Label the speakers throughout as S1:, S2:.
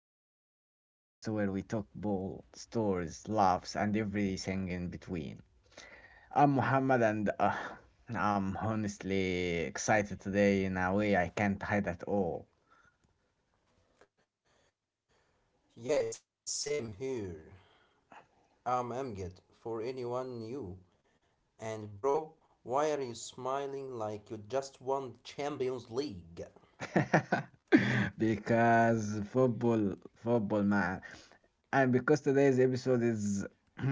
S1: Football, the podcast where we talk ball, stories, laughs, and everything in between. I'm Muhammad, and I'm honestly excited today in a way I can't hide at all.
S2: Yes, same here. I'm Amgad for anyone new. And bro, why are you smiling like you just won the Champions League?
S1: Because football, man. And because today's episode is,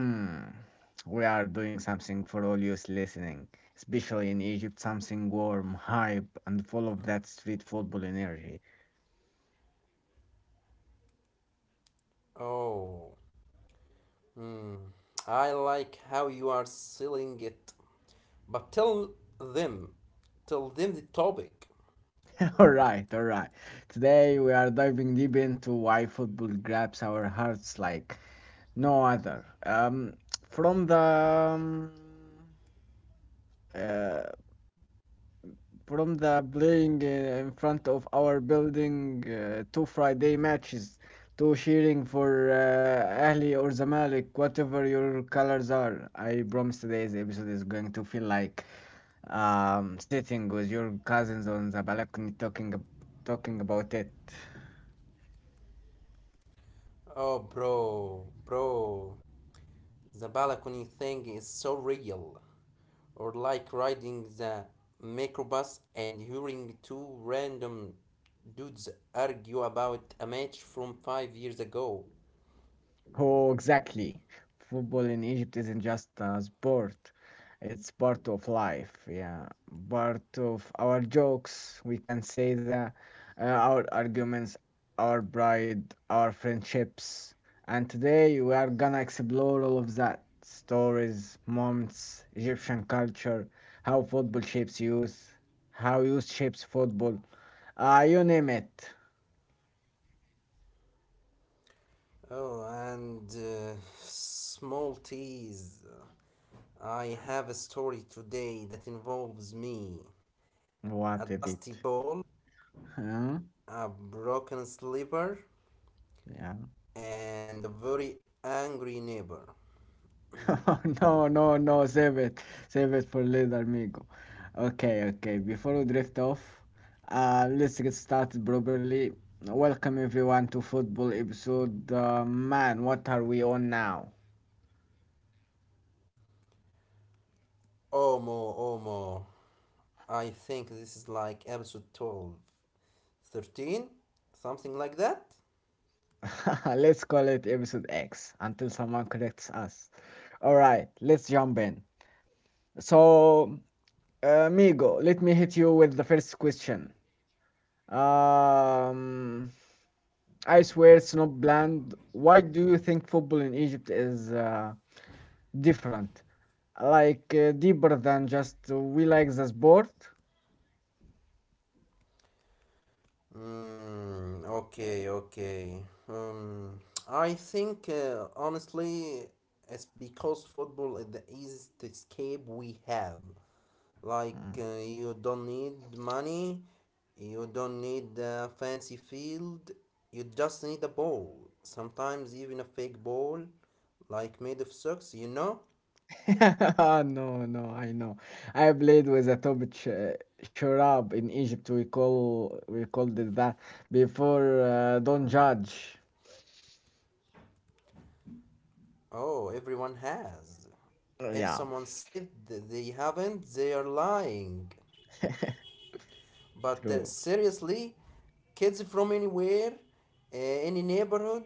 S1: we are doing something for all you listening, especially in Egypt, something warm, hype, and full of that street football energy.
S2: Oh, hmm. I like how you are selling it. But them, tell them the topic.
S1: All right, all right. Today we are diving deep into why football grabs our hearts like no other. From the um, uh, from the playing in front of our building to Friday matches to cheering for Ahli or Zamalek, whatever your colors are. I promise today's episode is going to feel like sitting with your cousins on the balcony talking about it.
S2: Oh, bro, bro, the balcony thing is so real. Or like riding the microbus and hearing two random dudes argue about a match from 5 years ago.
S1: Oh, exactly. Football in Egypt isn't just a sport, it's part of life, yeah. Part of our jokes, we can say that, our arguments, our pride, our friendships. And today we are gonna explore all of that stories, moments, Egyptian culture, how football shapes youth, how youth shapes football. Ah, you name it.
S2: Oh, and small teas. I have a story today that involves me, a
S1: What is
S2: dusty
S1: it?
S2: ball,
S1: Huh?
S2: a broken slipper,
S1: Yeah.
S2: and a very angry neighbor.
S1: No, no, no, save it. Save it for later, amigo. Okay, okay. Before we drift off, let's get started properly. Welcome everyone to football episode. Man, what are we on now?
S2: Omo, Omo. I think this is like episode 12. 13? Something like that?
S1: Let's call it episode X until someone corrects us. All right, let's jump in. So, amigo, let me hit you with the first question. Um, I swear it's not bland. Why do you think football in Egypt is different, like deeper than just we like the sport.
S2: Mm, okay, okay. Um, I think honestly, it's because football is the easiest escape we have. Like,
S1: Mm.
S2: you don't need money, you don't need a fancy field, you just need a ball. Sometimes even a fake ball, like made of socks, you know?
S1: No, no, I know. I played with a shurab in Egypt. We called it that before. Don't judge.
S2: Oh, everyone has. If
S1: Yeah,
S2: someone said they haven't, they are lying. But
S1: true,
S2: seriously, kids from anywhere, uh, any neighborhood,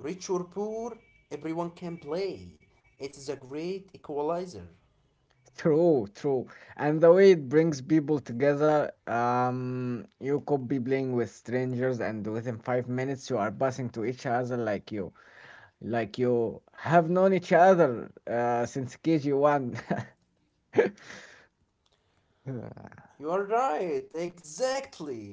S2: rich or poor, everyone can play. It is a great equalizer.
S1: true. And the way it brings people together. You could be playing with strangers, and within 5 minutes, you are passing to each other like you. Like you have known each other since KG1.
S2: You are right, exactly.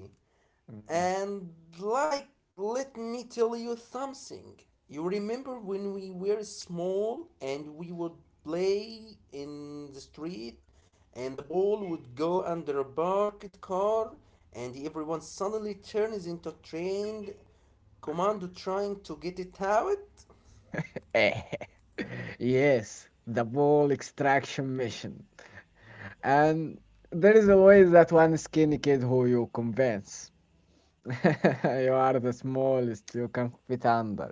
S2: And like, let me tell you something. You remember when we were small and we would play in the street and the ball would go under a parked car and everyone suddenly turns into a trained commando trying to get it out?
S1: Yes, the ball extraction mission. And there is always that one skinny kid who you convince. You are the smallest you can fit under.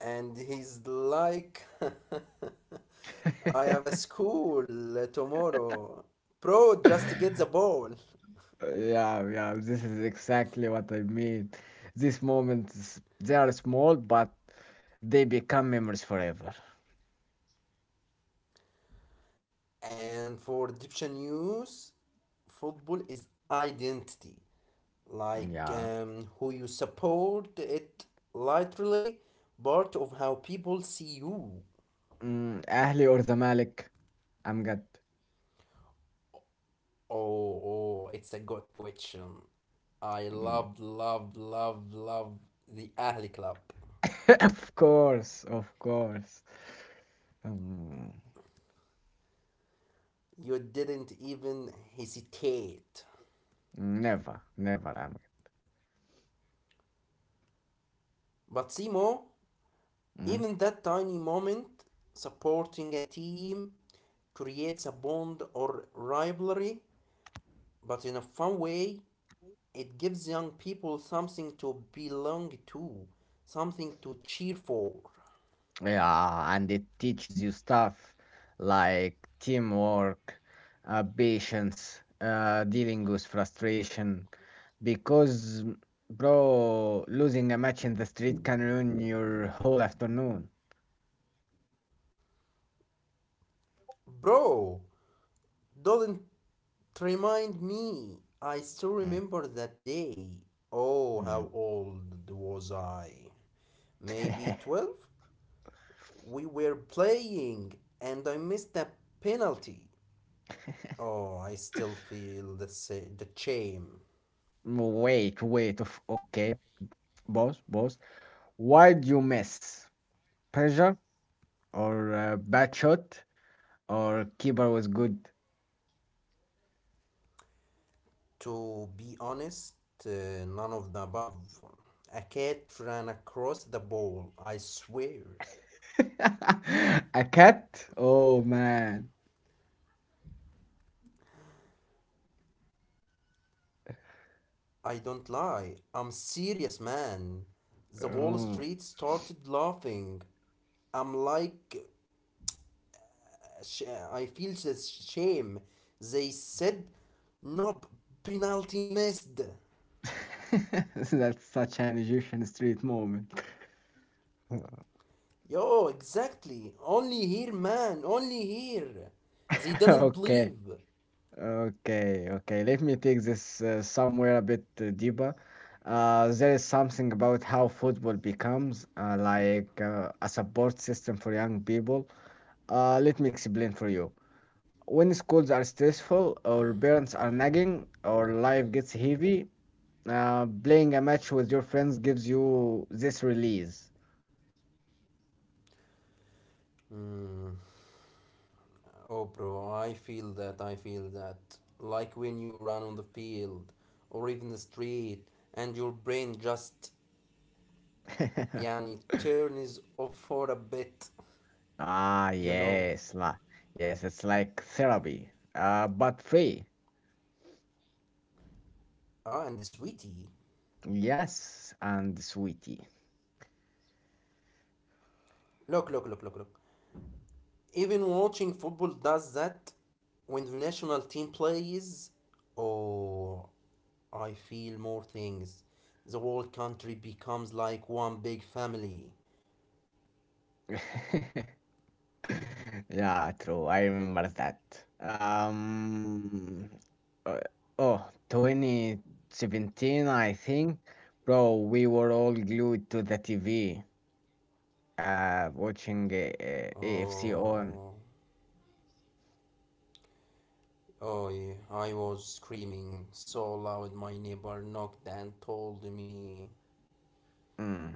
S2: And he's like, I have a school tomorrow. Bro, just get the ball.
S1: Yeah, yeah, this is exactly what I mean. These moments, they are small, but they become memories forever.
S2: And for Egyptian youth, football is identity, like
S1: Yeah.
S2: who you support it literally part of how people see you.
S1: Mm, Ahly or Zamalek, Amgad.
S2: Oh, oh, it's a good question. I
S1: Mm.
S2: love, love, love, love the Ahli Club.
S1: Of course, of course. Mm,
S2: You didn't even hesitate.
S1: never, never Amgad.
S2: But Simo,
S1: Mm.
S2: even that tiny moment supporting a team creates a bond or rivalry but in a fun way. It gives young people something to belong to, something to cheer for.
S1: Yeah, and it teaches you stuff like teamwork, patience, dealing with frustration. Because, bro, losing a match in the street can ruin your whole afternoon.
S2: Bro, don't remind me. I still
S1: Mm.
S2: remember that day. Oh, how old was I? Maybe
S1: Mm.
S2: 12? We were playing and I missed a penalty. Oh, I still feel the shame.
S1: Wait, wait, of okay. Boss, boss, why do you miss? Pressure? Or a bad shot or keeper was good.
S2: To be honest, none of the above. A cat ran across the ball, I swear.
S1: A cat? Oh man.
S2: I don't lie. I'm serious, man. The whole
S1: Oh.
S2: street started laughing. I'm like, sh- I feel the shame. They said, no, penalty missed.
S1: That's such an Egyptian street moment.
S2: Yo, exactly. Only here, man. Only here. They
S1: Okay.
S2: didn't believe.
S1: Okay. Okay. Let me take this somewhere a bit deeper. There is something about how football becomes a support system for young people. Let me explain for you when schools are stressful or parents are nagging or life gets heavy. Playing a match with your friends gives you this release.
S2: Oh, bro, I feel that. I feel that. Like when you run on the field or even the street and your brain just, yani, turns off for a bit,
S1: Ah,
S2: you know.
S1: yes, la yes, it's like therapy, but free.
S2: Ah, and the sweetie.
S1: Yes, and sweetie.
S2: Look, look, look, look, look. Even watching football does that when the national team plays. Oh, I feel more things. The whole country becomes like one big family.
S1: Yeah, true. I remember that. Um, uh, oh, 2017, I think. Bro, we were all glued to the TV, watching AFC on.
S2: Oh. Oh, yeah, I was screaming so loud my neighbor knocked and told me.
S1: Mm.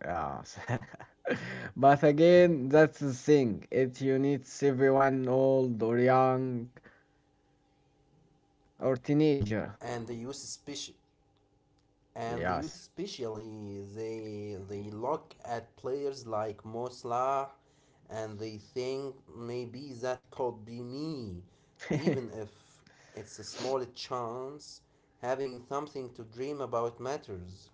S1: Yeah. But again, that's the thing. It unites everyone, old or young or teenager.
S2: And they
S1: Yes.
S2: use especially they look at players like Mo Salah, and they think maybe that could be me, even if it's a small chance. Having something to dream about matters.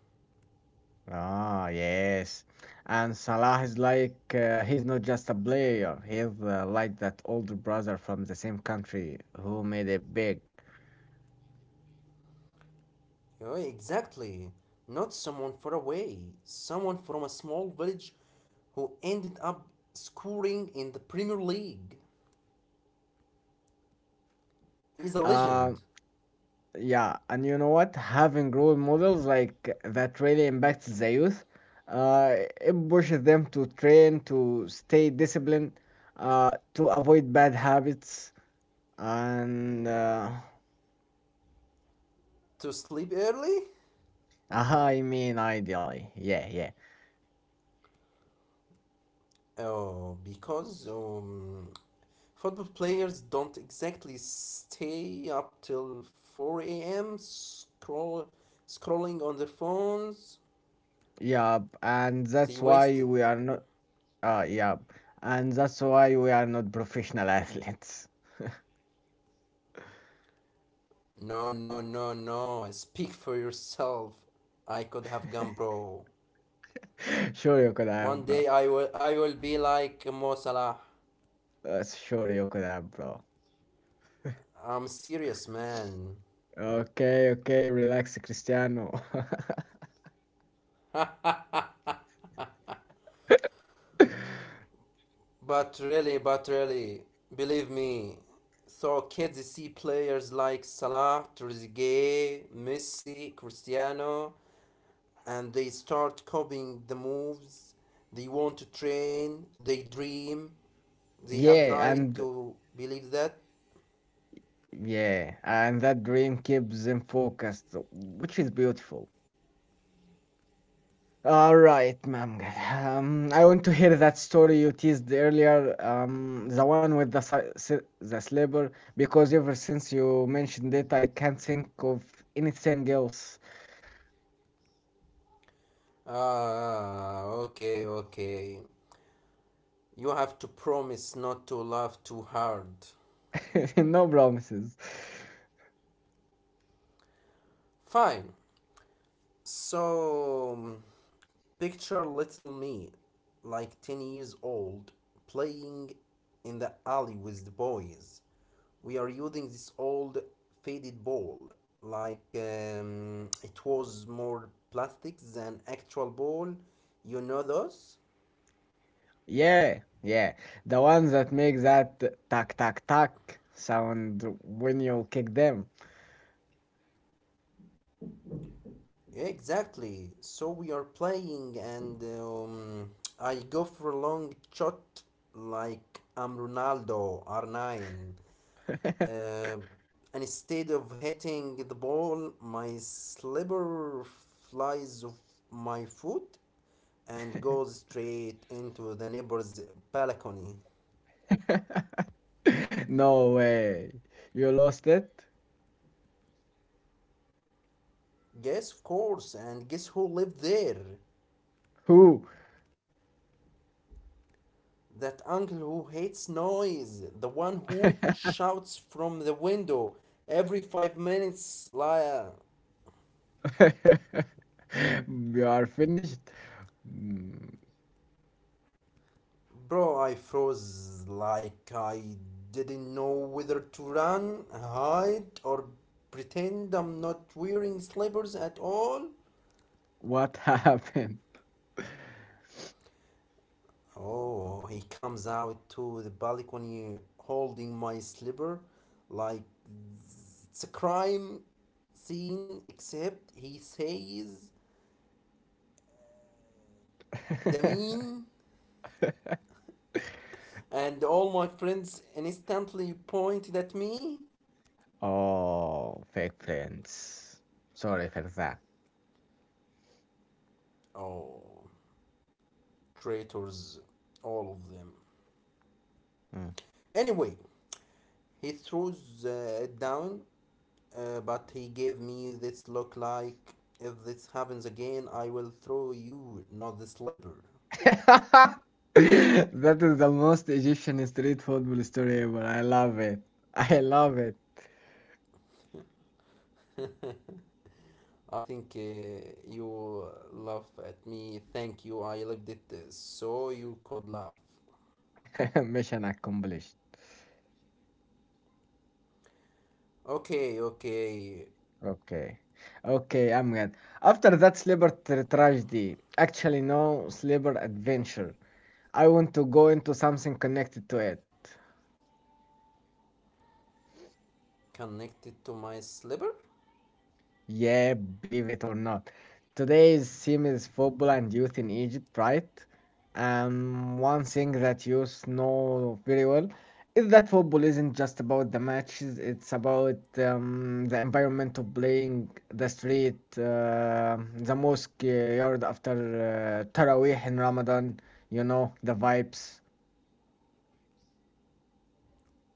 S1: Ah, yes. And Salah is like, he's not just a player. He's like that older brother from the same country who made it big.
S2: Yeah, exactly. Not someone far away, someone from a small village who ended up scoring in the Premier League.
S1: And you know what?
S2: He's a
S1: Uh,
S2: legend.
S1: Yeah, and you know what? Having role models like that really impacts the youth. Uh, it pushes them to train, to stay disciplined, to avoid bad habits, and
S2: To sleep early?
S1: I mean, ideally, yeah, yeah,
S2: Oh, because football players don't exactly stay up till 4 a.m. scrolling on their phones.
S1: yeah. And that's
S2: They
S1: why
S2: waste.
S1: we are not, Yeah, and that's why we are not professional athletes.
S2: No, no, no, no. Speak for yourself. I could have gone, bro.
S1: Sure, you could have,
S2: One
S1: bro.
S2: day I will be like Mo Salah.
S1: Sure, you could have, bro.
S2: I'm serious, man.
S1: Okay, okay, relax, Cristiano.
S2: But really, believe me. So kids see players like Salah, Trezeguet, Messi, Cristiano, and they start copying the moves. They want to train. They dream. They have the
S1: Yeah,
S2: right
S1: and
S2: to believe that.
S1: yeah, and that dream keeps them focused, which is beautiful. All right, Mamgad. I want to hear that story you teased earlier, the one with the the slipper, because ever since you mentioned it, I can't think of anything else.
S2: Ah, okay, okay. You have to promise not to laugh too hard.
S1: No promises.
S2: Fine. So, picture little me, like 10 years old, playing in the alley with the boys. We are using this old faded ball, like it was more plastic than actual ball. You know those?
S1: Yeah, yeah, the ones that make that tack tack tack sound when you kick them.
S2: Yeah, exactly. So we are playing, and I go for a long shot like I'm Ronaldo R9. Uh, Instead of hitting the ball, my slipper flies off my foot and goes straight into the neighbor's balcony.
S1: No way. You lost it?
S2: Yes, of course, and guess who lived there?
S1: Who?
S2: That uncle who hates noise, the one who shouts from the window every 5 minutes, liar.
S1: You are finished? Mm.
S2: Bro, I froze like I didn't know whether to run, hide, or pretend I'm not wearing slippers at all.
S1: What happened?
S2: Oh, he comes out to the balcony holding my slipper like it's a crime scene, except he says Damien, and all my friends instantly pointed at me.
S1: Oh, fake friends. Sorry for that.
S2: Oh, traitors, all of them.
S1: Mm.
S2: Anyway, he throws it down, but he gave me this look like, if this happens again, I will throw you, not the slipper.
S1: That is the most Egyptian street football story ever. I love it. I love it.
S2: I think you laugh at me. Thank you. I lived it so you could laugh.
S1: Mission accomplished.
S2: Okay, okay.
S1: Okay. Okay, I'm glad. After that sleeper tragedy, actually no sleeper adventure. I want to go into something connected to it.
S2: Connected to my slipper?
S1: Yeah, believe it or not. Today's theme is football and youth in Egypt, right? One thing that you know very well is that football isn't just about the matches, it's about the environment of playing, the street, the mosque yard after Taraweeh in Ramadan, you know, the vibes.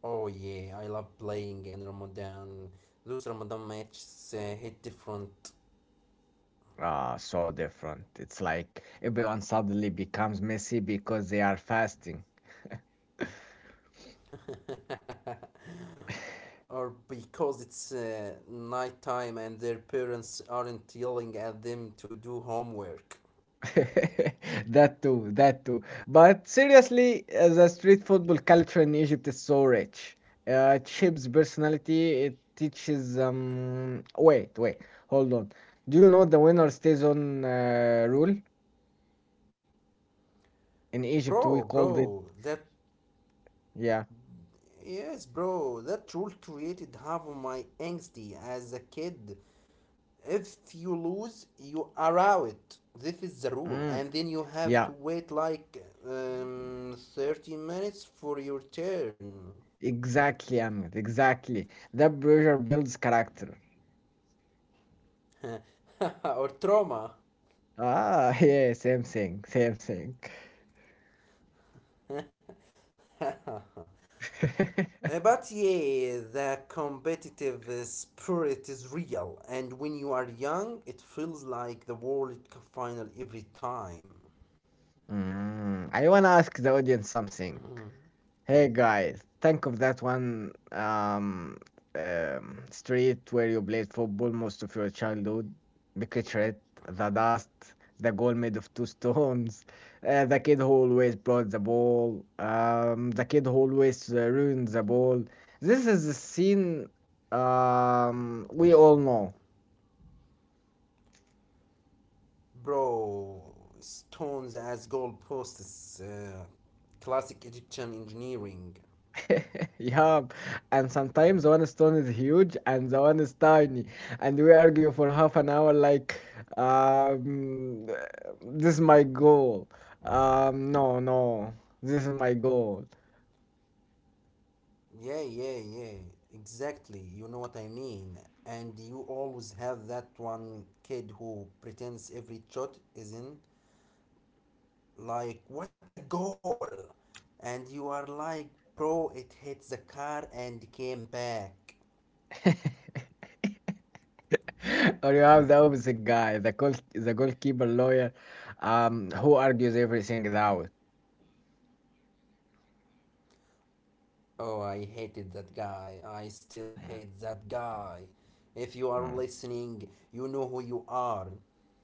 S2: Oh, yeah. I love playing in Ramadan. Those Ramadan matches hit different.
S1: Ah, so different. It's like everyone suddenly becomes messy because they are fasting.
S2: Or because it's nighttime and their parents aren't yelling at them to do homework.
S1: That too, that too. But seriously, the street football culture in Egypt is so rich. It shapes personality. It teaches. Wait, wait, hold on. Do you know the winner stays on rule? In Egypt,
S2: Bro,
S1: we called it.
S2: bro, that
S1: Yeah.
S2: yes, bro, that rule created half of my angsty as a kid. If you lose, you are out. This is the rule,
S1: Mm,
S2: and then you have
S1: yeah.
S2: to wait like 30 minutes for your turn.
S1: Exactly, Ahmed. Exactly. That pressure builds character.
S2: Or trauma.
S1: Ah, yeah. Same thing. Same thing.
S2: Uh, But yeah, the competitive spirit is real, and when you are young, it feels like the World Cup final every time.
S1: Mm, I wanna ask the audience something. Hey guys, think of that one street where you played football most of your childhood. Picture it, the dust, the goal made of two stones, the kid who always brought the ball, the kid who always ruined the ball. This is the scene we all know.
S2: Bro, stones as goalposts, classic Egyptian engineering.
S1: Yup, and sometimes one stone is huge and the one is tiny, and we argue for half an hour like, um, this is my goal. No, no, this is my goal.
S2: Yeah, yeah, yeah, exactly. You know what I mean. And you always have that one kid who pretends every shot is in, like, what a goal! And you are like, bro, it hit the car and came back.
S1: Or you have the opposite guy, the goalkeeper lawyer, who argues everything out.
S2: Oh, I hated that guy. I still hate that guy. If you are
S1: Mm,
S2: listening, you know who you are.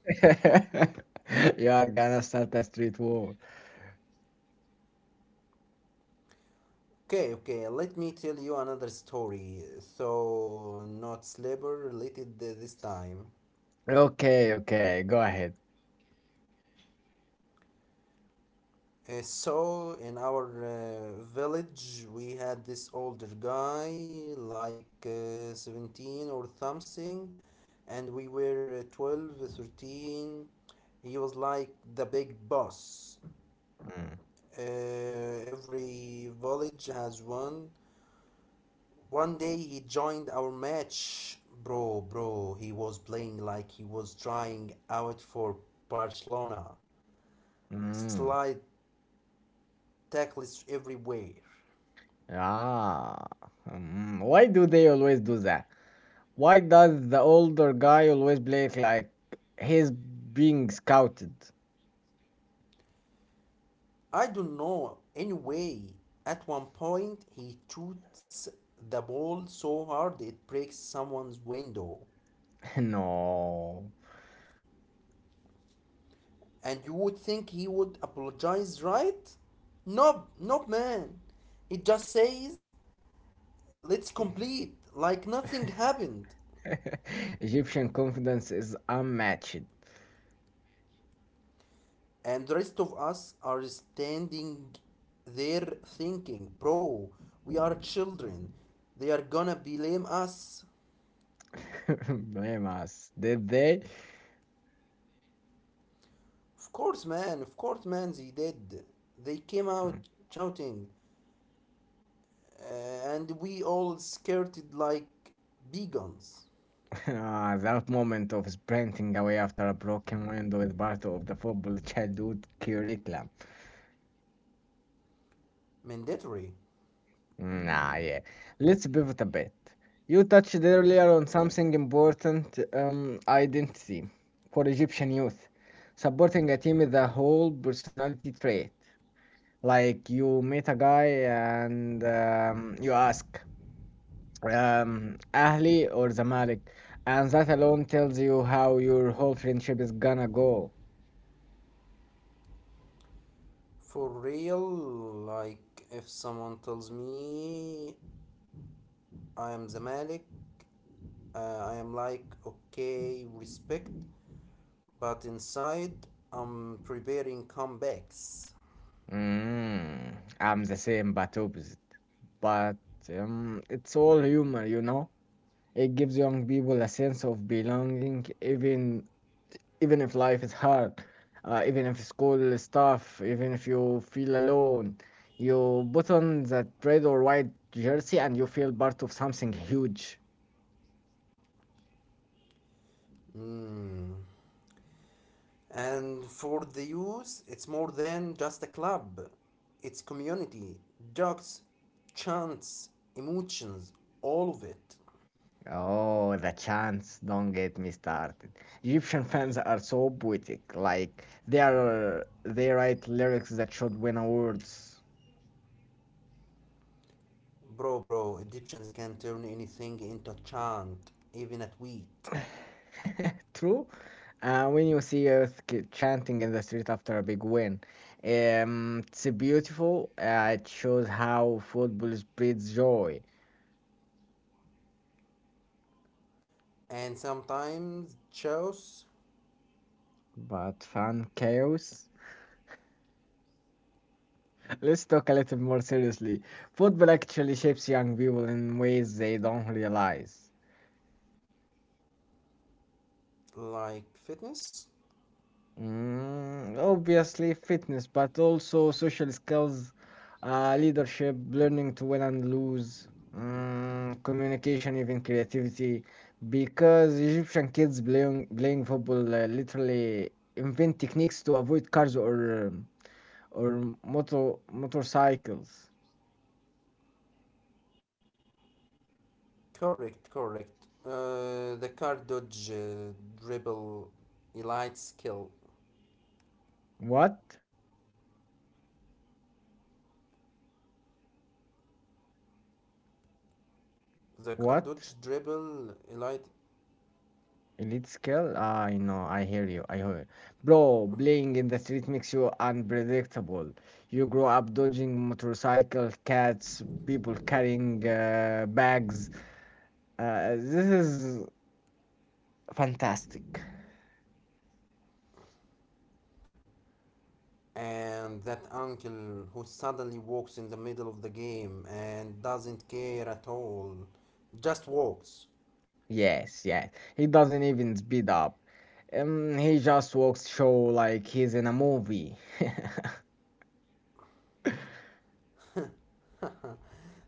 S1: mm. You are gonna start a street war.
S2: Okay, okay, let me tell you another story. So, not slipper related this time.
S1: Okay, okay, go ahead.
S2: So in our village we had this older guy like 17 or something, and we were 12 13. He was like the big boss.
S1: Mm,
S2: uh, every village has one. One day he joined our match. Bro, bro, he was playing like he was trying out for Barcelona. Slide
S1: mm.
S2: tackles everywhere.
S1: Ah, mm, why do they always do that? Why does the older guy always play like he's being scouted?
S2: I don't know. Anyway, at one point he shoots the ball so hard it breaks someone's window.
S1: No.
S2: And you would think he would apologize, right? Nope, nope, man. He just says, let's complete, like nothing happened.
S1: Egyptian confidence is unmatched.
S2: And the rest of us are standing there thinking, bro, we are children. They are gonna blame us.
S1: Blame us. Did they?
S2: Of course, man. Of course, man. They did. They came out
S1: Mm.
S2: shouting, and we all skirted like beacons.
S1: Ah, that moment of sprinting away after a broken window is part of the football childhood curriculum.
S2: Mandatory.
S1: Mm, nah, yeah. Let's pivot a bit. You touched earlier on something important, identity for Egyptian youth. Supporting a team is a whole personality trait. Like you meet a guy and you ask, Ahli or Zamalek, and that alone tells you how your whole friendship is gonna go.
S2: For real, like if someone tells me I am the Malik, uh, I am like, okay, respect, but inside I'm preparing comebacks.
S1: Mm, I'm the same but opposite, but it's all humor, you know? It gives young people a sense of belonging, even if life is hard, even if school is tough, even if you feel alone. You put on that red or white jersey and you feel part of something huge.
S2: Mm, and for the youth, it's more than just a club. It's community, jokes, chants, emotions, all of it.
S1: Oh, the chants! Don't get me started. Egyptian fans are so poetic. Like they are, they write lyrics that should win awards.
S2: Bro, bro, Egyptians can turn anything into a chant, even a tweet.
S1: True. When you see Earth ki- chanting in the street after a big win, it's beautiful. It shows how football spreads joy,
S2: And sometimes shows
S1: but fun chaos. Let's talk a little more seriously. Football actually shapes young people in ways they don't realize.
S2: like fitness.
S1: Mm, obviously, fitness, but also social skills, leadership, learning to win and lose, mm, communication, even creativity. Because Egyptian kids playing football literally invent techniques to avoid cars or or motorcycles.
S2: Correct, correct. The car dodge dribble elite skill.
S1: What?
S2: The car dodge
S1: What?
S2: dribble elite
S1: Elite skill? I know, I hear you, I hear you. Bro, playing in the street makes you unpredictable. You grow up dodging motorcycle, cats, people carrying bags. This is fantastic.
S2: and that uncle who suddenly walks in the middle of the game and doesn't care at all, just walks.
S1: Yes, yes. He doesn't even speed up. He just walks show like he's in a movie.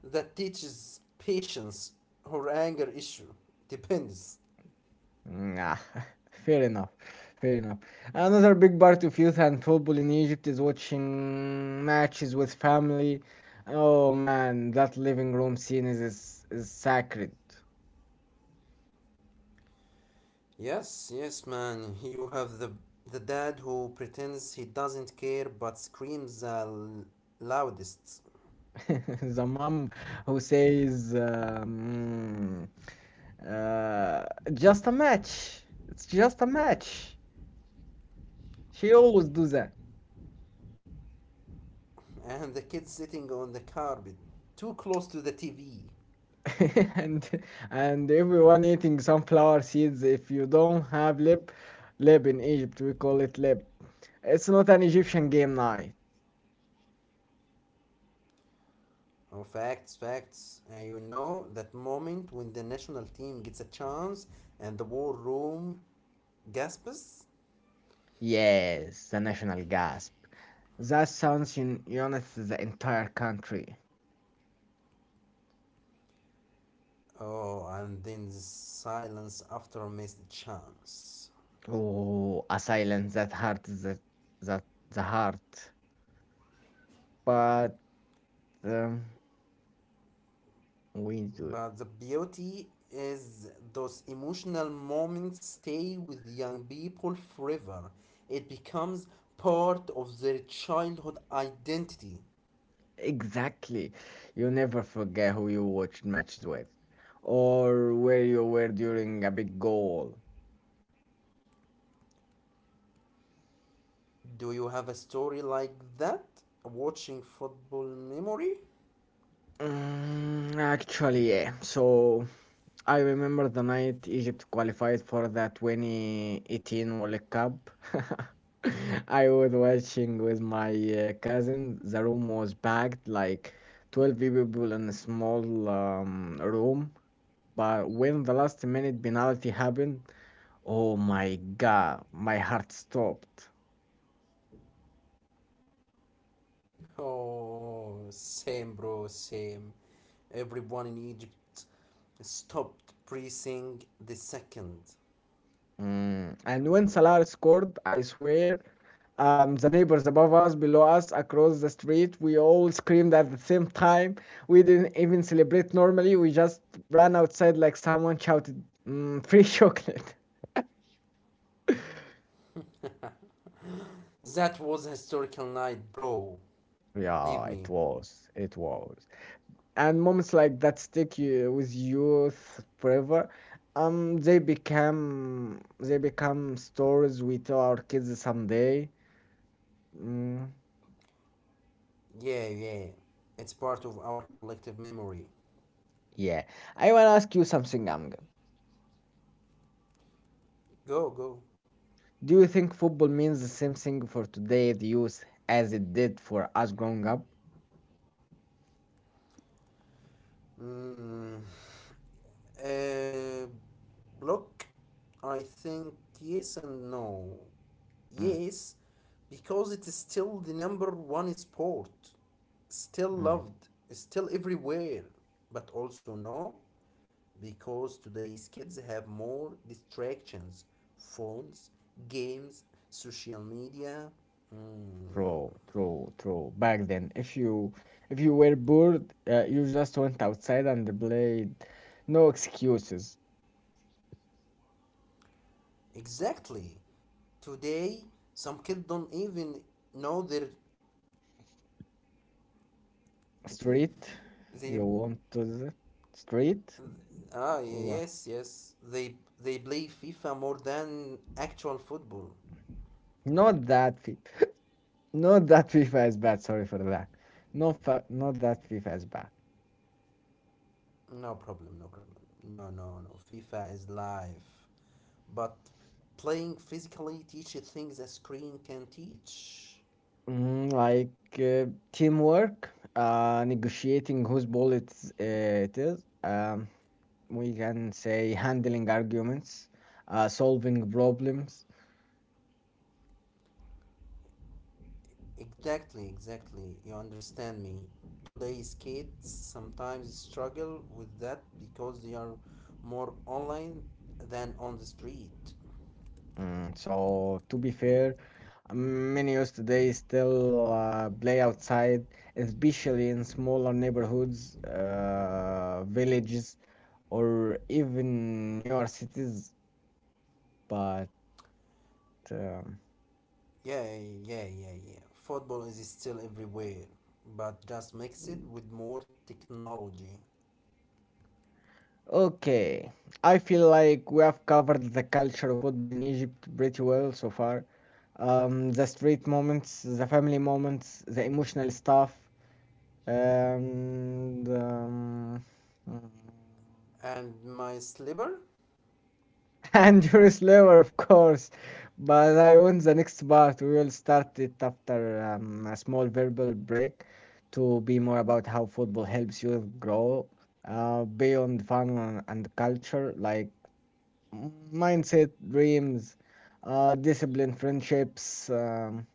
S2: That teaches patience or anger issue. Depends.
S1: Nah, fair enough. Fair enough. Another big part of youth and football in Egypt is watching matches with family. Oh man, that living room scene is sacred.
S2: Yes, yes, man. You have the dad who pretends he doesn't care but screams the loudest,
S1: The mom who says, uh, "Just a match. It's just a match." She always do that.
S2: and the kid sitting on the carpet, too close to the TV.
S1: And and everyone eating sunflower seeds. If you don't have lip in Egypt, we call it lip. It's not an Egyptian game night.
S2: Oh, facts, facts. And you know that moment when the national team gets a chance and the war room gasps?
S1: Yes, the national gasp. That sounds unites the entire country.
S2: Oh, and then the silence after missed chance.
S1: Oh, a silence that hurts that the heart. But um, we do it.
S2: But the beauty is those emotional moments stay with young people forever. It becomes part of their childhood identity.
S1: Exactly. You never forget who you watched matches with, or where you were during a big goal.
S2: Do you have a story like that? A watching football memory?
S1: Mm, actually, yeah. So I remember the night Egypt qualified for the 2018 World Cup. I was watching with my cousin. The room was packed, like 12 people in a small room. But when the last minute penalty happened, oh my god, my heart stopped.
S2: Oh, same, bro, same. Everyone in Egypt stopped breathing the second.
S1: Mm. And when Salah scored, I swear the neighbors above us, below us, across the street, we all screamed at the same time. We didn't even celebrate normally. We just ran outside like someone shouted, free chocolate.
S2: That was a historical night, bro. Believe
S1: Yeah,
S2: me.
S1: it was. It was. And moments like that stick you, with youth forever. They become stories we tell our kids someday. Mm.
S2: Yeah, yeah. It's part of our collective memory.
S1: Yeah, I wanna ask you something, Amgad.
S2: Go, go.
S1: Do you think football means the same thing for today's youth as it did for us growing up?
S2: Mm. Uh, look, I think yes and no.
S1: Mm,
S2: Yes, because it's still the number one sport, still
S1: mm,
S2: loved, still everywhere. But also no, because today's kids have more distractions phones, games, social media. Mm,
S1: true, true, true. Back then, if you were bored, you just went outside and played. No excuses.
S2: exactly. Today, some kids don't even know their, the
S1: Street, you
S2: the.
S1: want to the street?
S2: Ah,
S1: What?
S2: yes, yes. They play FIFA more than actual football.
S1: Not that FIFA. Not that FIFA is bad. Sorry for that. No, not that FIFA is bad.
S2: No problem, no problem. No, no, no. FIFA is life. But playing physically teaches things a screen can teach.
S1: Mm, like uh, teamwork, negotiating whose ball it is. We can say handling arguments, solving problems.
S2: Exactly, exactly. You understand me. Today's kids sometimes struggle with that because they are more online than on the street.
S1: Mm, so, to be fair, many youth today still play outside, especially in smaller neighborhoods, villages, or even newer cities. But um,
S2: Yeah, yeah, yeah, yeah. Football is still everywhere, but just mix it with more technology.
S1: okay, I feel like we have covered the culture of football in Egypt pretty well so far. The street moments, the family moments, the emotional stuff, and mm,
S2: And my slipper?
S1: and your slaver, of course. But I want the next part. We will start it after a small verbal break to be more about how football helps you grow beyond fun and culture, like mm, mindset, dreams, discipline, friendships.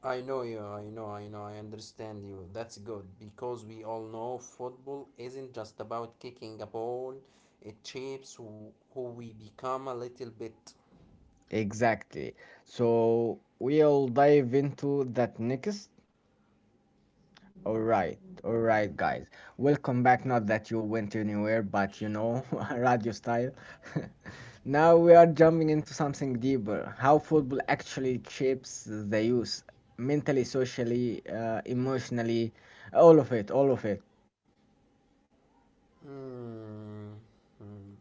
S2: I know you, I know, I know, I understand you. That's good, because we all know football isn't just about kicking a ball, it shapes who we become a little bit.
S1: Exactly. So we'll dive into that next. All right, all right, guys. Welcome back. Not that you went anywhere, but you know, radio style. Now we are jumping into something deeper. How football actually shapes the youth mentally, socially, emotionally, all of it, all of it.
S2: Hmm. Hmm.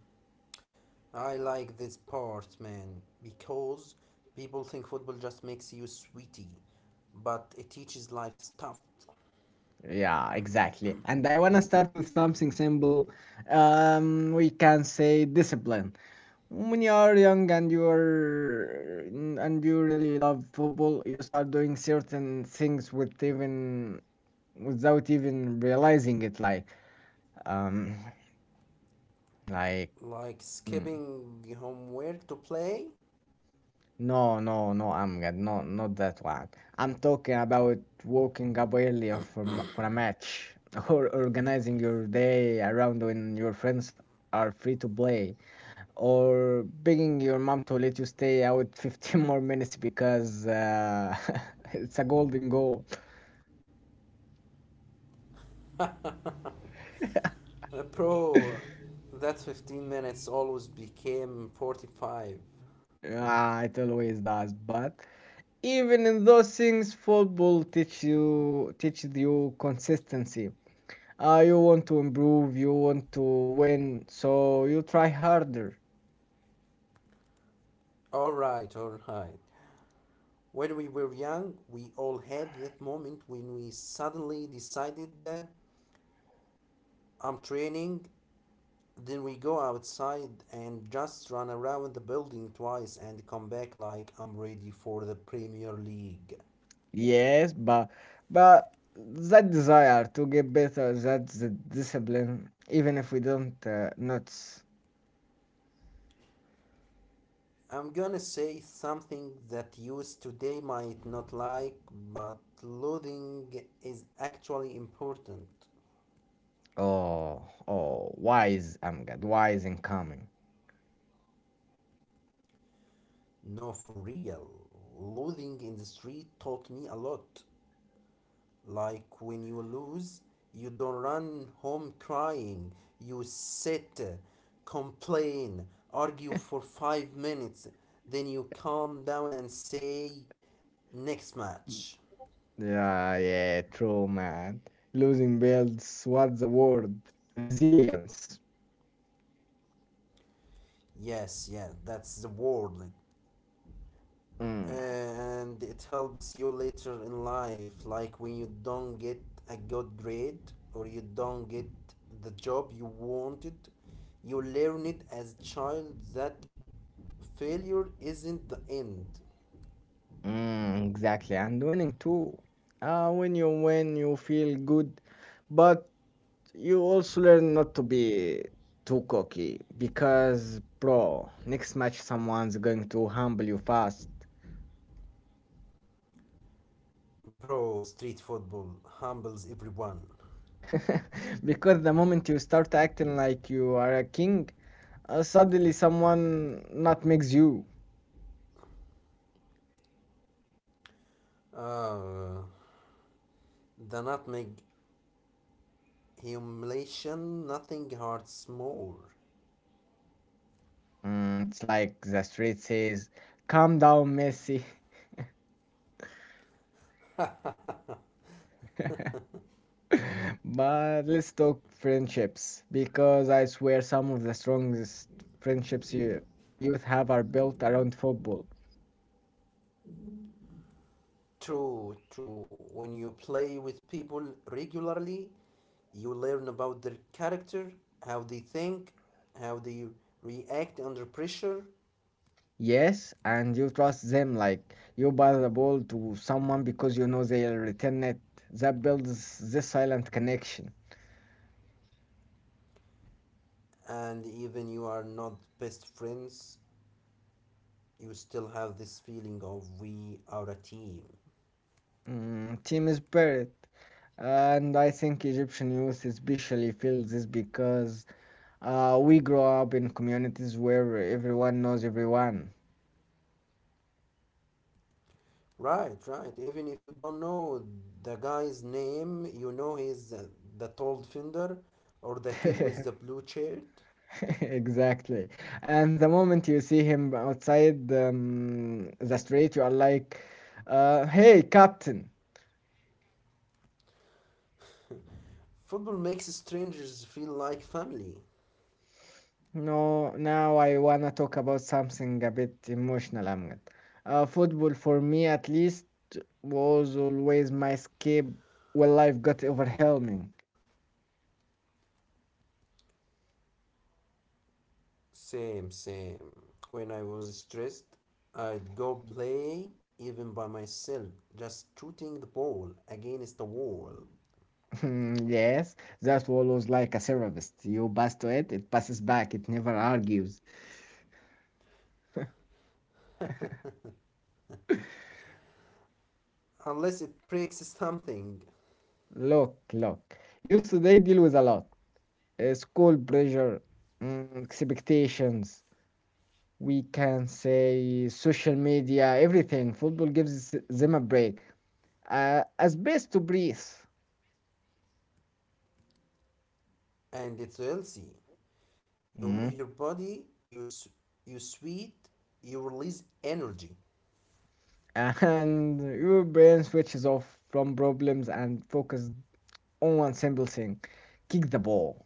S2: I like this part, man, because people think football just makes you sweaty, but it teaches life stuff,
S1: Yeah, exactly. And I want to start with something simple. We can say discipline. When you are young and you are and you really love football, you start doing certain things with even without even realizing it. Like um, like
S2: like
S1: mm,
S2: skipping homework to play.
S1: no, no, no, Amgad, no, not that one. I'm talking about waking up earlier for for a match or organizing your day around when your friends are free to play or begging your mom to let you stay out 15 more minutes because it's a golden goal.
S2: Bro, that 15 minutes always became 45.
S1: Ah, it always does, but even in those things, football teaches you consistency. Ah, you want to improve, you want to win, so you try harder.
S2: Alright, alright. When we were young, we all had that moment when we suddenly decided that I'm training. Then we go outside and just run around the building twice and come back like I'm ready for the Premier League.
S1: Yes, but that desire to get better, that's the discipline, even if we don't notice.
S2: I'm gonna say something that youth today might not like, but looting is actually important.
S1: Oh, oh, wise, Amgad, wise and coming.
S2: No, for real. Looting in the street taught me a lot. Like when you lose, you don't run home crying. You sit, complain, argue for 5 minutes, then you calm down and say, next match.
S1: Yeah, yeah, true, man. Losing builds what's the word? Resilience.
S2: Yes, yeah, that's the word.
S1: Mm,
S2: And it helps you later in life, like when you don't get a good grade or you don't get the job you wanted, you learn it as a child that failure isn't the end.
S1: mm, exactly, and winning too. Ah, when you win, you feel good. But you also learn not to be too cocky, because bro, next match someone's going to humble you fast.
S2: Bro, street football humbles everyone.
S1: Because the moment you start acting like you are a king, suddenly someone not makes you
S2: uh, the nutmeg humiliation, nothing hurts more.
S1: mm, it's like the street says, calm down, Messi. But let's talk friendships, because I swear some of the strongest friendships you youth have are built around football.
S2: True, true. When you play with people regularly, you learn about their character, how they think, how they react under pressure,
S1: Yes, and you trust them, like you buy the ball to someone because you know they'll return it. That builds this silent connection.
S2: and even you are not best friends, you still have this feeling of we are a team.
S1: Mm, team spirit. And I think Egyptian youth especially feels this because we grow up in communities where everyone knows everyone.
S2: Right, right. Even if you don't know the guy's name, you know he's the tall defender or the kid with the blue shirt.
S1: Exactly. And the moment you see him outside the street, you are like, hey, captain.
S2: Football makes strangers feel like family.
S1: No, now I wanna talk about something a bit emotional, Amjad. Football for me, at least, was always my escape when life got overwhelming.
S2: Same, same. When I was stressed, I'd go play even by myself, just shooting the ball against the wall.
S1: Yes, that wall was like a therapist. You pass to it, it passes back, it never argues.
S2: Unless it breaks something.
S1: Look, look. Youth today deal with a lot. School pressure, mm, expectations, we can say social media, everything. Football gives them a break, a space to breathe.
S2: And it's healthy. You
S1: Mm.
S2: move your body, you sweat, you release energy.
S1: And your brain switches off from problems and focus on one simple thing: kick the ball.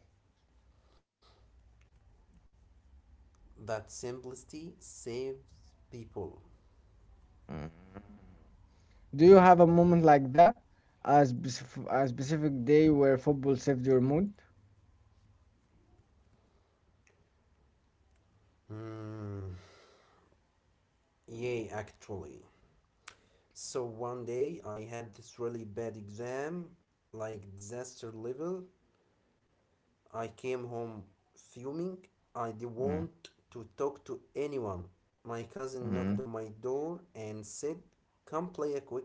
S2: That simplicity saves people.
S1: Mm. Do you have a moment like that, a a specific day where football saved your mood?
S2: Hmm. Yeah, actually. So one day I had this really bad exam, like disaster level, I came home fuming. I didn't
S1: Mm.
S2: want to talk to anyone. My cousin
S1: Mm.
S2: knocked on my door and said, come play a quick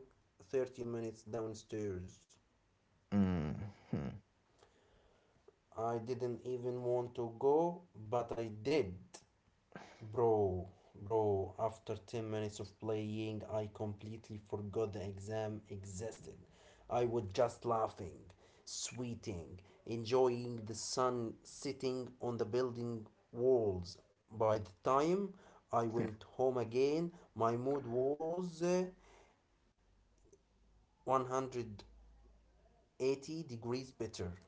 S2: 30 minutes downstairs.
S1: Mm. Hmm.
S2: I didn't even want to go, but I did. Bro, bro, after 10 minutes of playing, I completely forgot the exam existed. I was just laughing, sweating, enjoying the sun sitting on the building walls. By the time I went home again, my mood was 180 degrees better.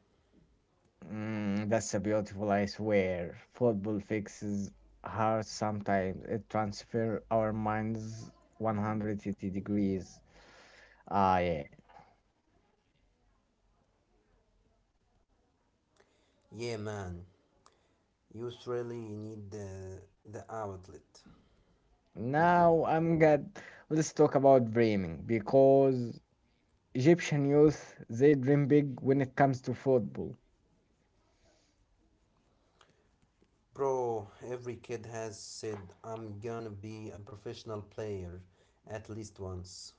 S1: Mm, that's a beautiful. I swear football fixes hearts, sometimes it transfer our minds 180 degrees. Ah, yeah.
S2: Yeah, man, you really need the outlet.
S1: Now I'm good. Let's talk about dreaming, because Egyptian youth, they dream big when it comes to football.
S2: Bro, every kid has said, I'm gonna be a professional player at least once.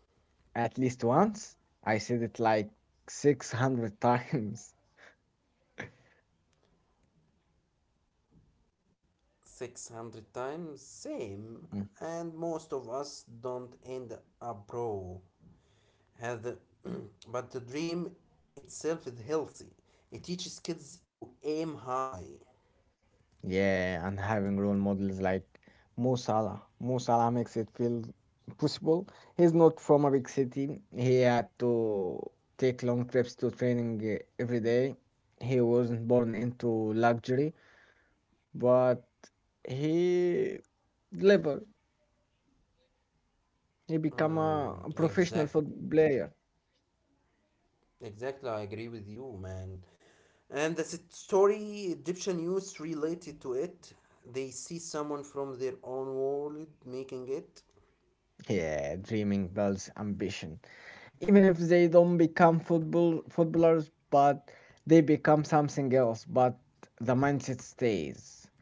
S1: At least once. I said it like 600 times.
S2: 600 times? Same.
S1: Mm.
S2: And most of us don't end up pro. Have the but the dream itself is healthy. It teaches kids to aim high.
S1: Yeah, and having role models like Mo Salah. Mo Salah makes it feel possible. He's not from a big city. He had to take long trips to training every day. He wasn't born into luxury, but he delivered. He become
S2: Mm,
S1: a professional
S2: exact,
S1: football player.
S2: exactly, I agree with you, man. And the story Egyptian youth related to it. They see someone from their own world making it.
S1: Yeah, dreaming builds ambition. Even if they don't become football footballers, but they become something else. But the mindset stays.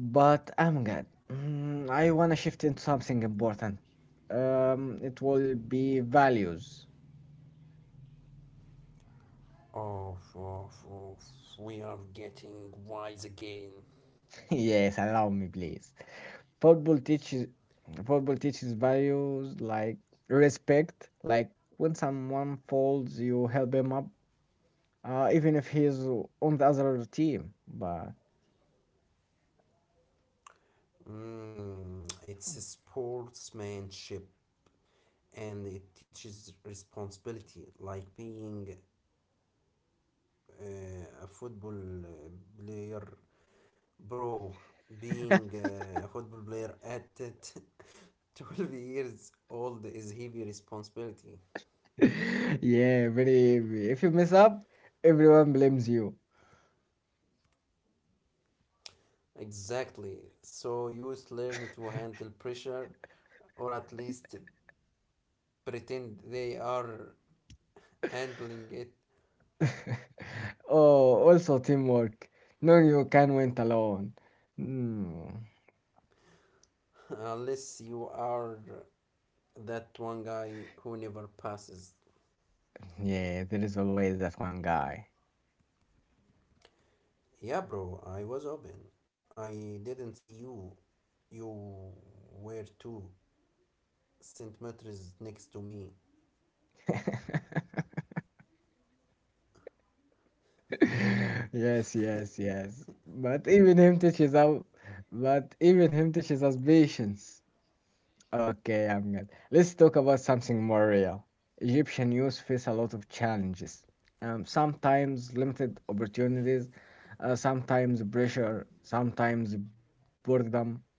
S1: But Amgad, mm, I wanna shift into something important. It will be values.
S2: Oh, oh, oh, we are getting wise again.
S1: Yes, allow me, please. Football teaches football teaches values like respect, like when someone falls, you help him up, even if he's on the other team. But
S2: Mm, it's a sportsmanship, and it teaches responsibility, like being a football player, bro. Being a football player at 12 years old is heavy responsibility.
S1: yeah, very. If you mess up, everyone blames you.
S2: Exactly. So youth learn to handle pressure, or at least pretend they are handling it.
S1: Oh, also teamwork. No, you can win alone. Hmm.
S2: unless you are that one guy who never passes.
S1: Yeah, there is always that one guy.
S2: Yeah, bro, I was open. I didn't see you. You were 2 centimeters next to me.
S1: Yes, yes, yes. But even him teaches us. But even him teaches us patience. Okay, I'm good. Let's talk about something more real. Egyptian youth face a lot of challenges. Sometimes limited opportunities, sometimes pressure, sometimes boredom.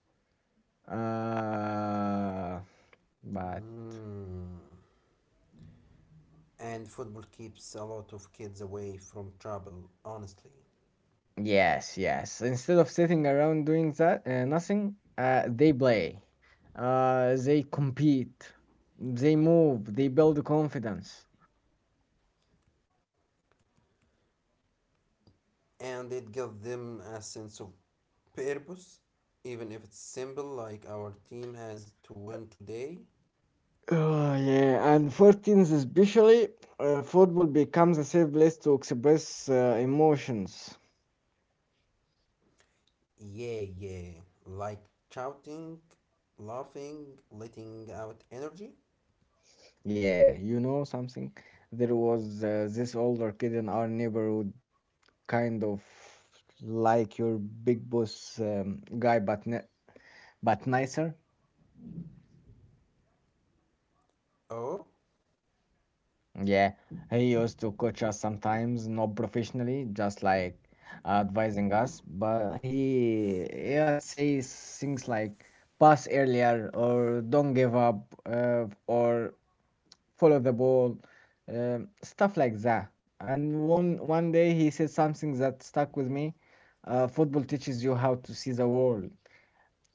S1: Uh, but
S2: Mm. And football keeps a lot of kids away from trouble, honestly.
S1: yes, yes. Instead of sitting around doing that, nothing, they play. They compete. They move. They build confidence.
S2: And it gives them a sense of purpose, even if it's simple, like our team has to win today.
S1: Oh, yeah, and for teens especially, football becomes a safe place to express emotions.
S2: Yeah, yeah. Like shouting, laughing, letting out energy.
S1: Yeah, you know something? There was this older kid in our neighborhood, kind of like your big boss guy, but but nicer.
S2: Oh.
S1: Yeah, he used to coach us sometimes, not professionally, just like advising us. But he'd say things like pass earlier or don't give up or follow the ball, stuff like that. And one day he said something that stuck with me. Football teaches you how to see the world.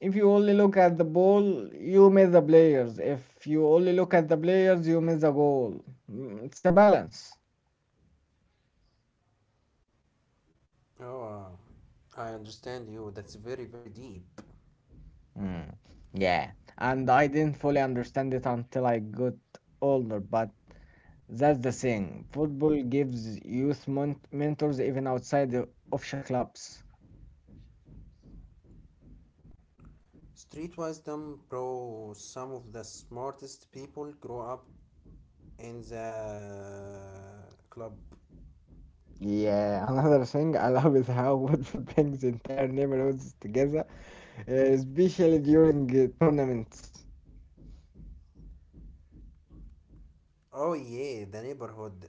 S1: If you only look at the ball, you miss the players. If you only look at the players, you miss the goal. Mm, it's a balance.
S2: Oh, wow. I understand you. That's very, very deep.
S1: Mm, yeah, and I didn't fully understand it until I got older, but that's the thing. Football gives youth mon mentors even outside the official clubs.
S2: Street wisdom, bro. Some of the smartest people grow up in the club.
S1: Yeah, another thing I love is how football brings entire neighborhoods together, especially during tournaments.
S2: Oh, yeah, the neighborhood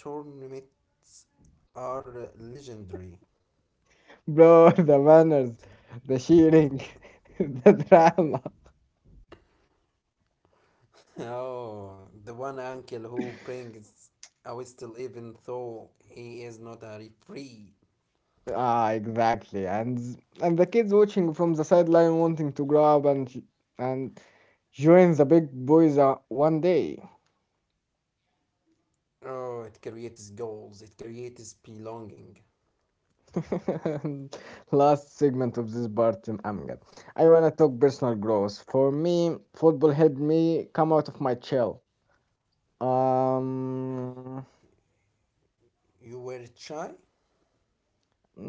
S2: tournaments are legendary.
S1: Bro, the banners, the cheering, the drama.
S2: Oh, the one uncle who brings a whistle even though he is not a referee.
S1: Ah, exactly. And the kids watching from the sideline wanting to grab and and join the big boys are one day.
S2: Oh, it creates goals, it creates belonging.
S1: Last segment of this part, I'm good. I wanna talk personal growth. For me, football helped me come out of my shell. Um,
S2: You were shy?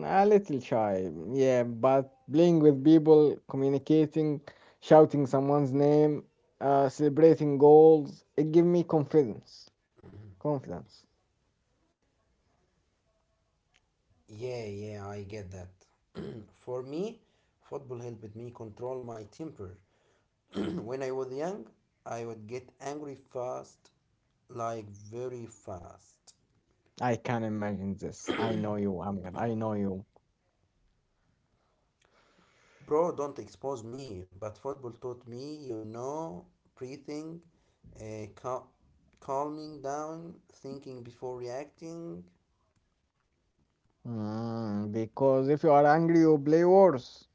S1: a little shy, yeah, but playing with people, communicating, shouting someone's name, celebrating goals, it gave me confidence. Confidence.
S2: Yeah, yeah, I get that. For me, football helped me control my temper. when I was young, I would get angry fast, like very fast.
S1: I can imagine this. I know you, Amgad. I know you.
S2: Bro, don't expose me, but football taught me, you know, breathing, uh, cal- calming down, thinking before reacting.
S1: Mm, because if you are angry, you play worse.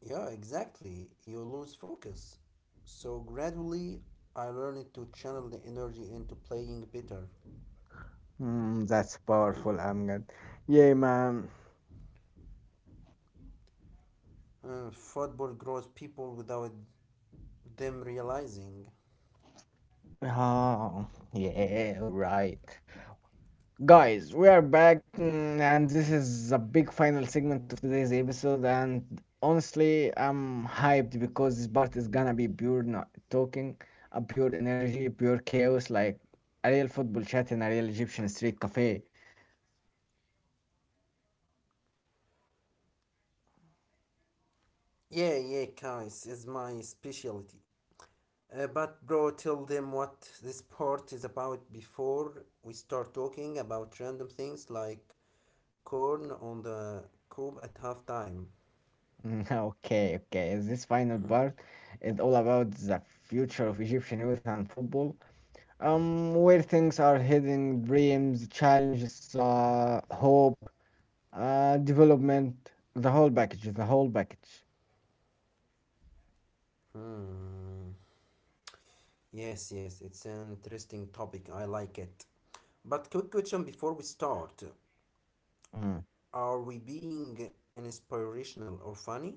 S2: Yeah, exactly. You lose focus. So gradually, I learned to channel the energy into playing better.
S1: Mm, that's powerful, Amgad. Yeah, man.
S2: Football grows people without them realizing.
S1: Oh, yeah, right. Guys, we are back, mm, and this is a big final segment of today's episode. And honestly, I'm hyped because this part is gonna be pure not talking, a pure energy, pure chaos, like a real football chat in a real Egyptian street cafe.
S2: Yeah, yeah, guys, it's my specialty. But bro, tell them what this sport is about before we start talking about random things like corn on the cob at halftime.
S1: Mm, okay, okay. This final part is all about the future of Egyptian youth and football. Where things are heading, dreams, challenges, hope, development, the whole package, the whole package.
S2: Hmm. Yes, yes, it's an interesting topic. I like it. But quick question before we start:
S1: Mm.
S2: are we being inspirational or funny?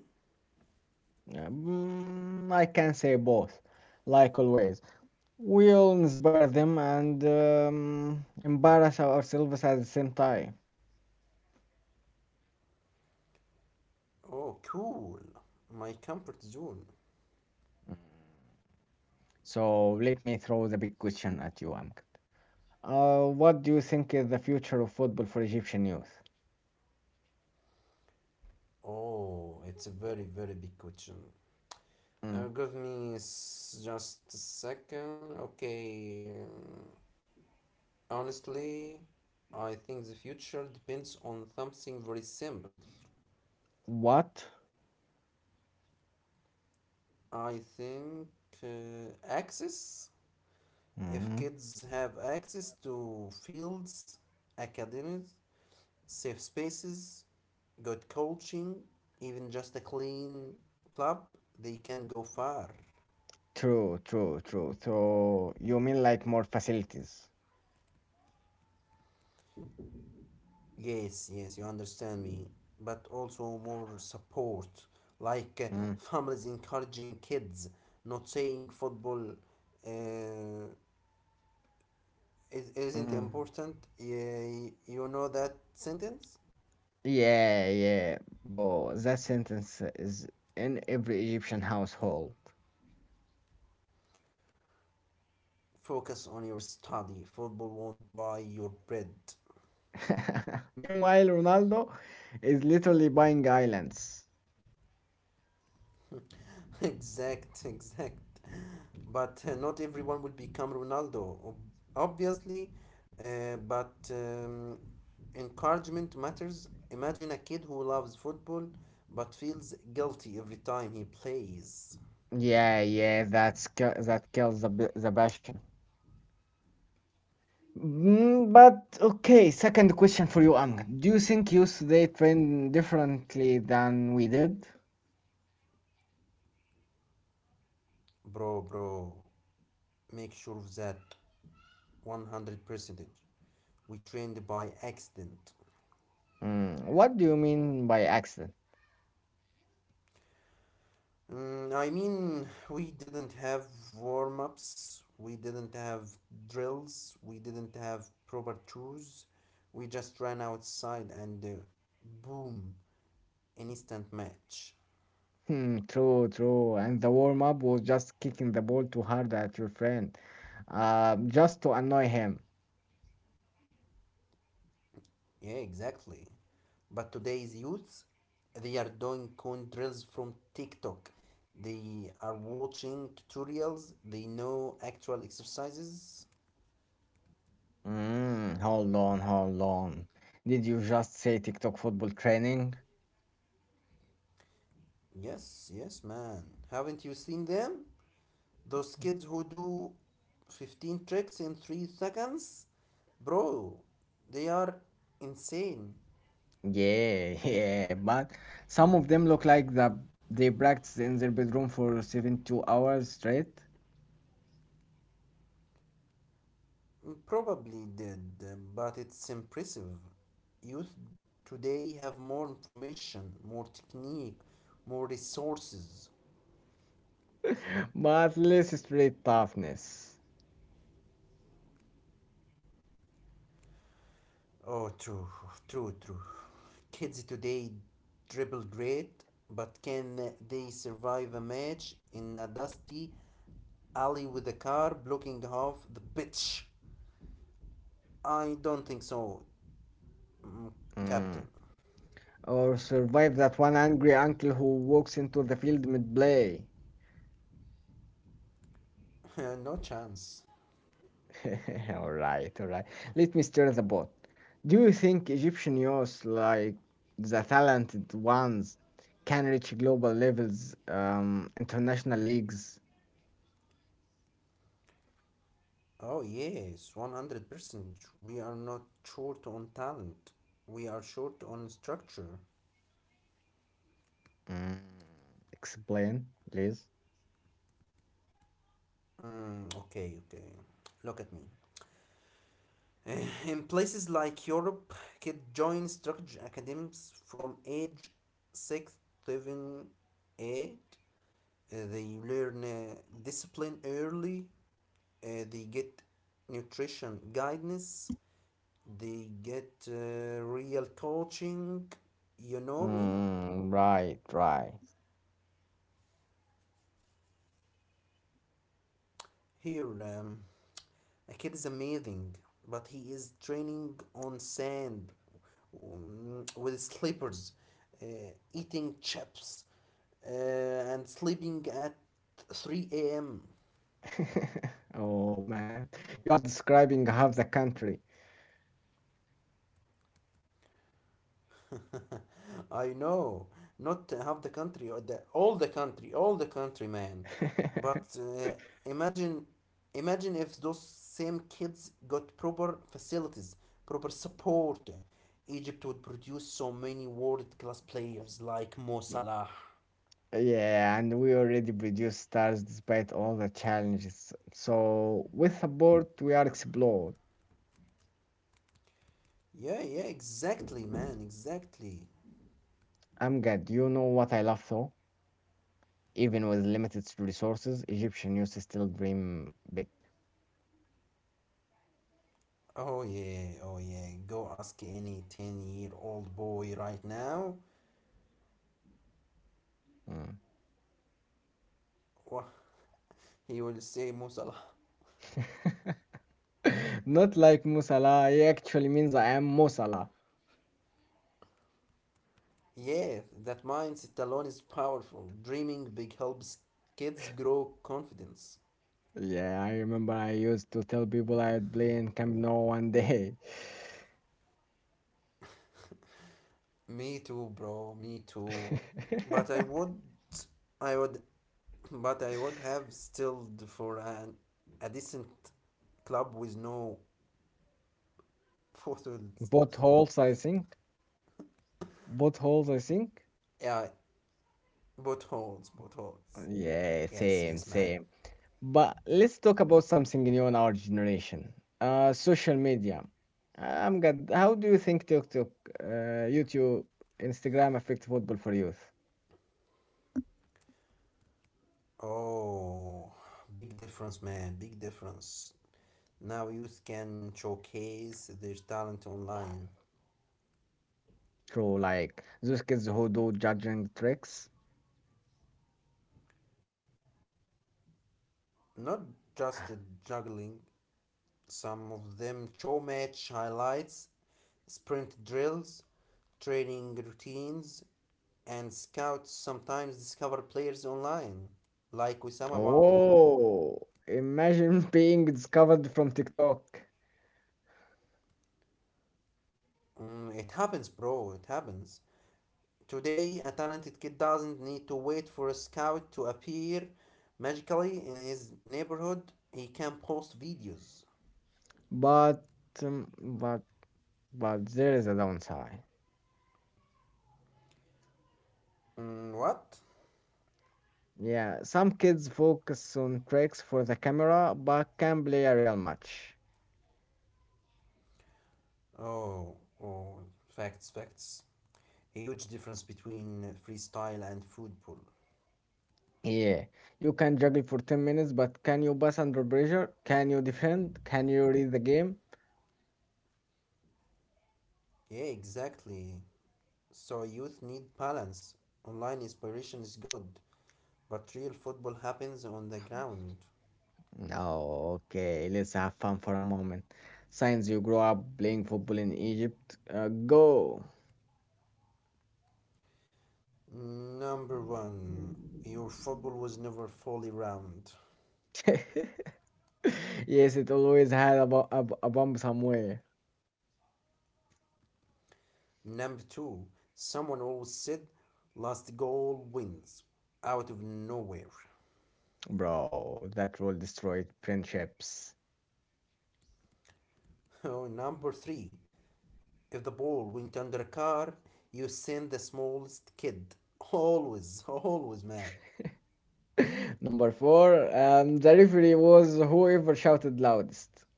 S1: I can say both, like always. We'll inspire them and embarrass ourselves at the same time.
S2: Oh, cool! My comfort zone.
S1: So let me throw the big question at you, Amk. What do you think is the future of football for Egyptian youth?
S2: Oh, it's a very, very big question.
S1: Mm.
S2: Just a second. Okay. Honestly, I think the future depends on something very simple.
S1: What?
S2: I think access. If
S1: Mm.
S2: kids have access to fields, academies, safe spaces, good coaching, even just a clean club, they can go far.
S1: True, true, true. So you mean like more facilities?
S2: Yes, yes, you understand me, but also more support, like
S1: Mm.
S2: families encouraging kids, not saying football uh, isn't
S1: Mm.
S2: important. Yeah, you know that sentence?
S1: Yeah, yeah, bro. That sentence is in every Egyptian household.
S2: Focus on your study, football won't buy your bread.
S1: Meanwhile, Ronaldo is literally buying islands.
S2: Exact. But not everyone will become Ronaldo, obviously. But Encouragement matters. Imagine a kid who loves football but feels guilty every time he plays.
S1: Yeah, yeah, that kills the passion. Mm, but okay, second question for you, Amgad. Do you think youth today train differently than we did?
S2: Bro, make sure of that 100%. We trained by accident.
S1: Mm, what do you mean by accident?
S2: Mm, I mean, we didn't have warm ups, we didn't have drills, we didn't have proper tours. We just ran outside and boom, instant match.
S1: Hmm, true, true. And the warm up was just kicking the ball too hard at your friend, just to annoy him.
S2: Yeah, exactly. But today's youth, they are doing cone drills from TikTok. They are watching tutorials, they know actual exercises.
S1: Mm, hold on, hold on. Did you just say TikTok football training?
S2: Yes, yes, man. Haven't you seen them? Those kids who do 15 tricks in 3 seconds, bro, they are insane.
S1: Yeah, yeah. But some of them look like that they practice in their bedroom for 72 hours straight.
S2: Probably did, but it's impressive. Youth today have more information, more technique, more resources.
S1: But less street toughness.
S2: Oh, true, true, true. Kids today dribble great, but can they survive a match in a dusty alley with a car blocking half the pitch? I don't think so.
S1: Mm.
S2: Captain.
S1: Or survive that one angry uncle who walks into the field mid play.
S2: no chance.
S1: All right, all right. Let me stir the pot. Do you think Egyptian youth, like the talented ones, can reach global levels, international leagues?
S2: Oh, yes, 100%. We are not short on talent. We are short on structure.
S1: Mm. Explain, please.
S2: Mm, okay, okay. Look at me. In places like Europe, kids join structure academies from age 6, 7, 8. They learn discipline early. They get nutrition guidance. They get real coaching. You know me
S1: Mm, right, right.
S2: here. A kid is amazing, but he is training on sand, mm, with slippers, uh, eating chips, uh, and sleeping at 3 a.m.
S1: Oh man, you are describing half the country.
S2: I know, not half the country or the all the country, man. But imagine if those same kids got proper facilities, proper support. Egypt would produce so many world-class players like Mo Salah.
S1: Yeah, and we already produce stars despite all the challenges. So, with support, we are explored.
S2: Yeah, yeah, exactly, man, exactly.
S1: Amgad, you know what I love though? Even with limited resources, Egyptian youth still dream big.
S2: Oh yeah, oh yeah. Go ask any 10-year-old boy right now.
S1: Mm.
S2: Wha- he will say Mo Salah.
S1: Not like Musala, he actually means I am Musala.
S2: Yeah, that mindset alone is powerful. Dreaming big helps kids grow confidence.
S1: Yeah, I remember I used to tell people I'd play in Camp No one day.
S2: Me too, bro. Me too. But I would, I would, but I would have stilled for an a decent club with no photos.
S1: Both holes, I think. Both holes, I think.
S2: Yeah, buttholes, buttholes.
S1: Yeah,
S2: Yes,
S1: same,
S2: yes, man.
S1: same. But let's talk about something new in our generation. Social media. I'm good. How do you think TikTok, uh, YouTube, Instagram affect football for youth?
S2: Oh, big difference, man. Big difference. Now youth can showcase their talent online.
S1: Through like those kids who do judging tricks.
S2: Not just juggling, some of them show match highlights, sprint drills, training routines, and scouts sometimes discover players online, like Wissam Abu Ali.
S1: Oh, imagine being discovered from TikTok.
S2: Mm, it happens, bro, it happens. Today, a talented kid doesn't need to wait for a scout to appear magically in his neighborhood. He can post videos.
S1: But but but there is a downside.
S2: Mm, what?
S1: Yeah, some kids focus on tricks for the camera, but can play a real match.
S2: Oh, oh, facts, facts. A huge difference between freestyle and football.
S1: Yeah, you can juggle for 10 minutes, but can you pass under pressure? Can you defend? Can you read the game?
S2: Yeah, exactly. So youth need balance. Online inspiration is good, but real football happens on the ground.
S1: No, okay, let's have fun for a moment. Since you grew up playing football in Egypt, go.
S2: Number one, your football was never fully round.
S1: Yes, it always had a bump somewhere.
S2: Number two, someone always said last goal wins out of nowhere.
S1: Bro, that rule destroyed friendships.
S2: Oh, number three, if the ball went under a car, you send the smallest kid. Always, always, man.
S1: Number four, the referee was whoever shouted loudest.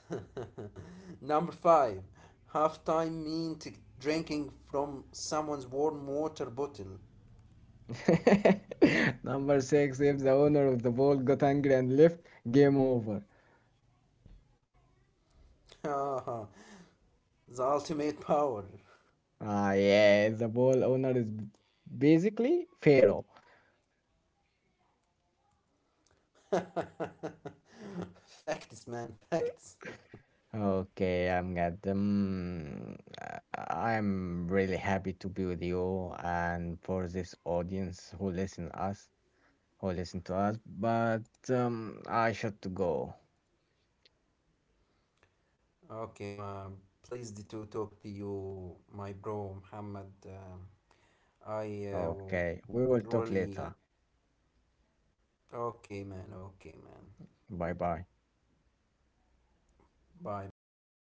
S2: Number five, halftime drinking from someone's warm water bottle.
S1: Number six, if the owner of the ball got angry and left, game over.
S2: the ultimate power.
S1: Ah, yeah, the ball owner is basically Pharaoh.
S2: facts, man, facts.
S1: Okay, I'm glad. I'm really happy to be with you and for this audience who listen us, who listen to us. But I should to go.
S2: Okay, ma, pleased to talk to you, my bro, Muhammad. I
S1: Okay, we will talk later.
S2: Really. Okay, man, okay, man.
S1: Bye bye.
S2: Bye, bye, my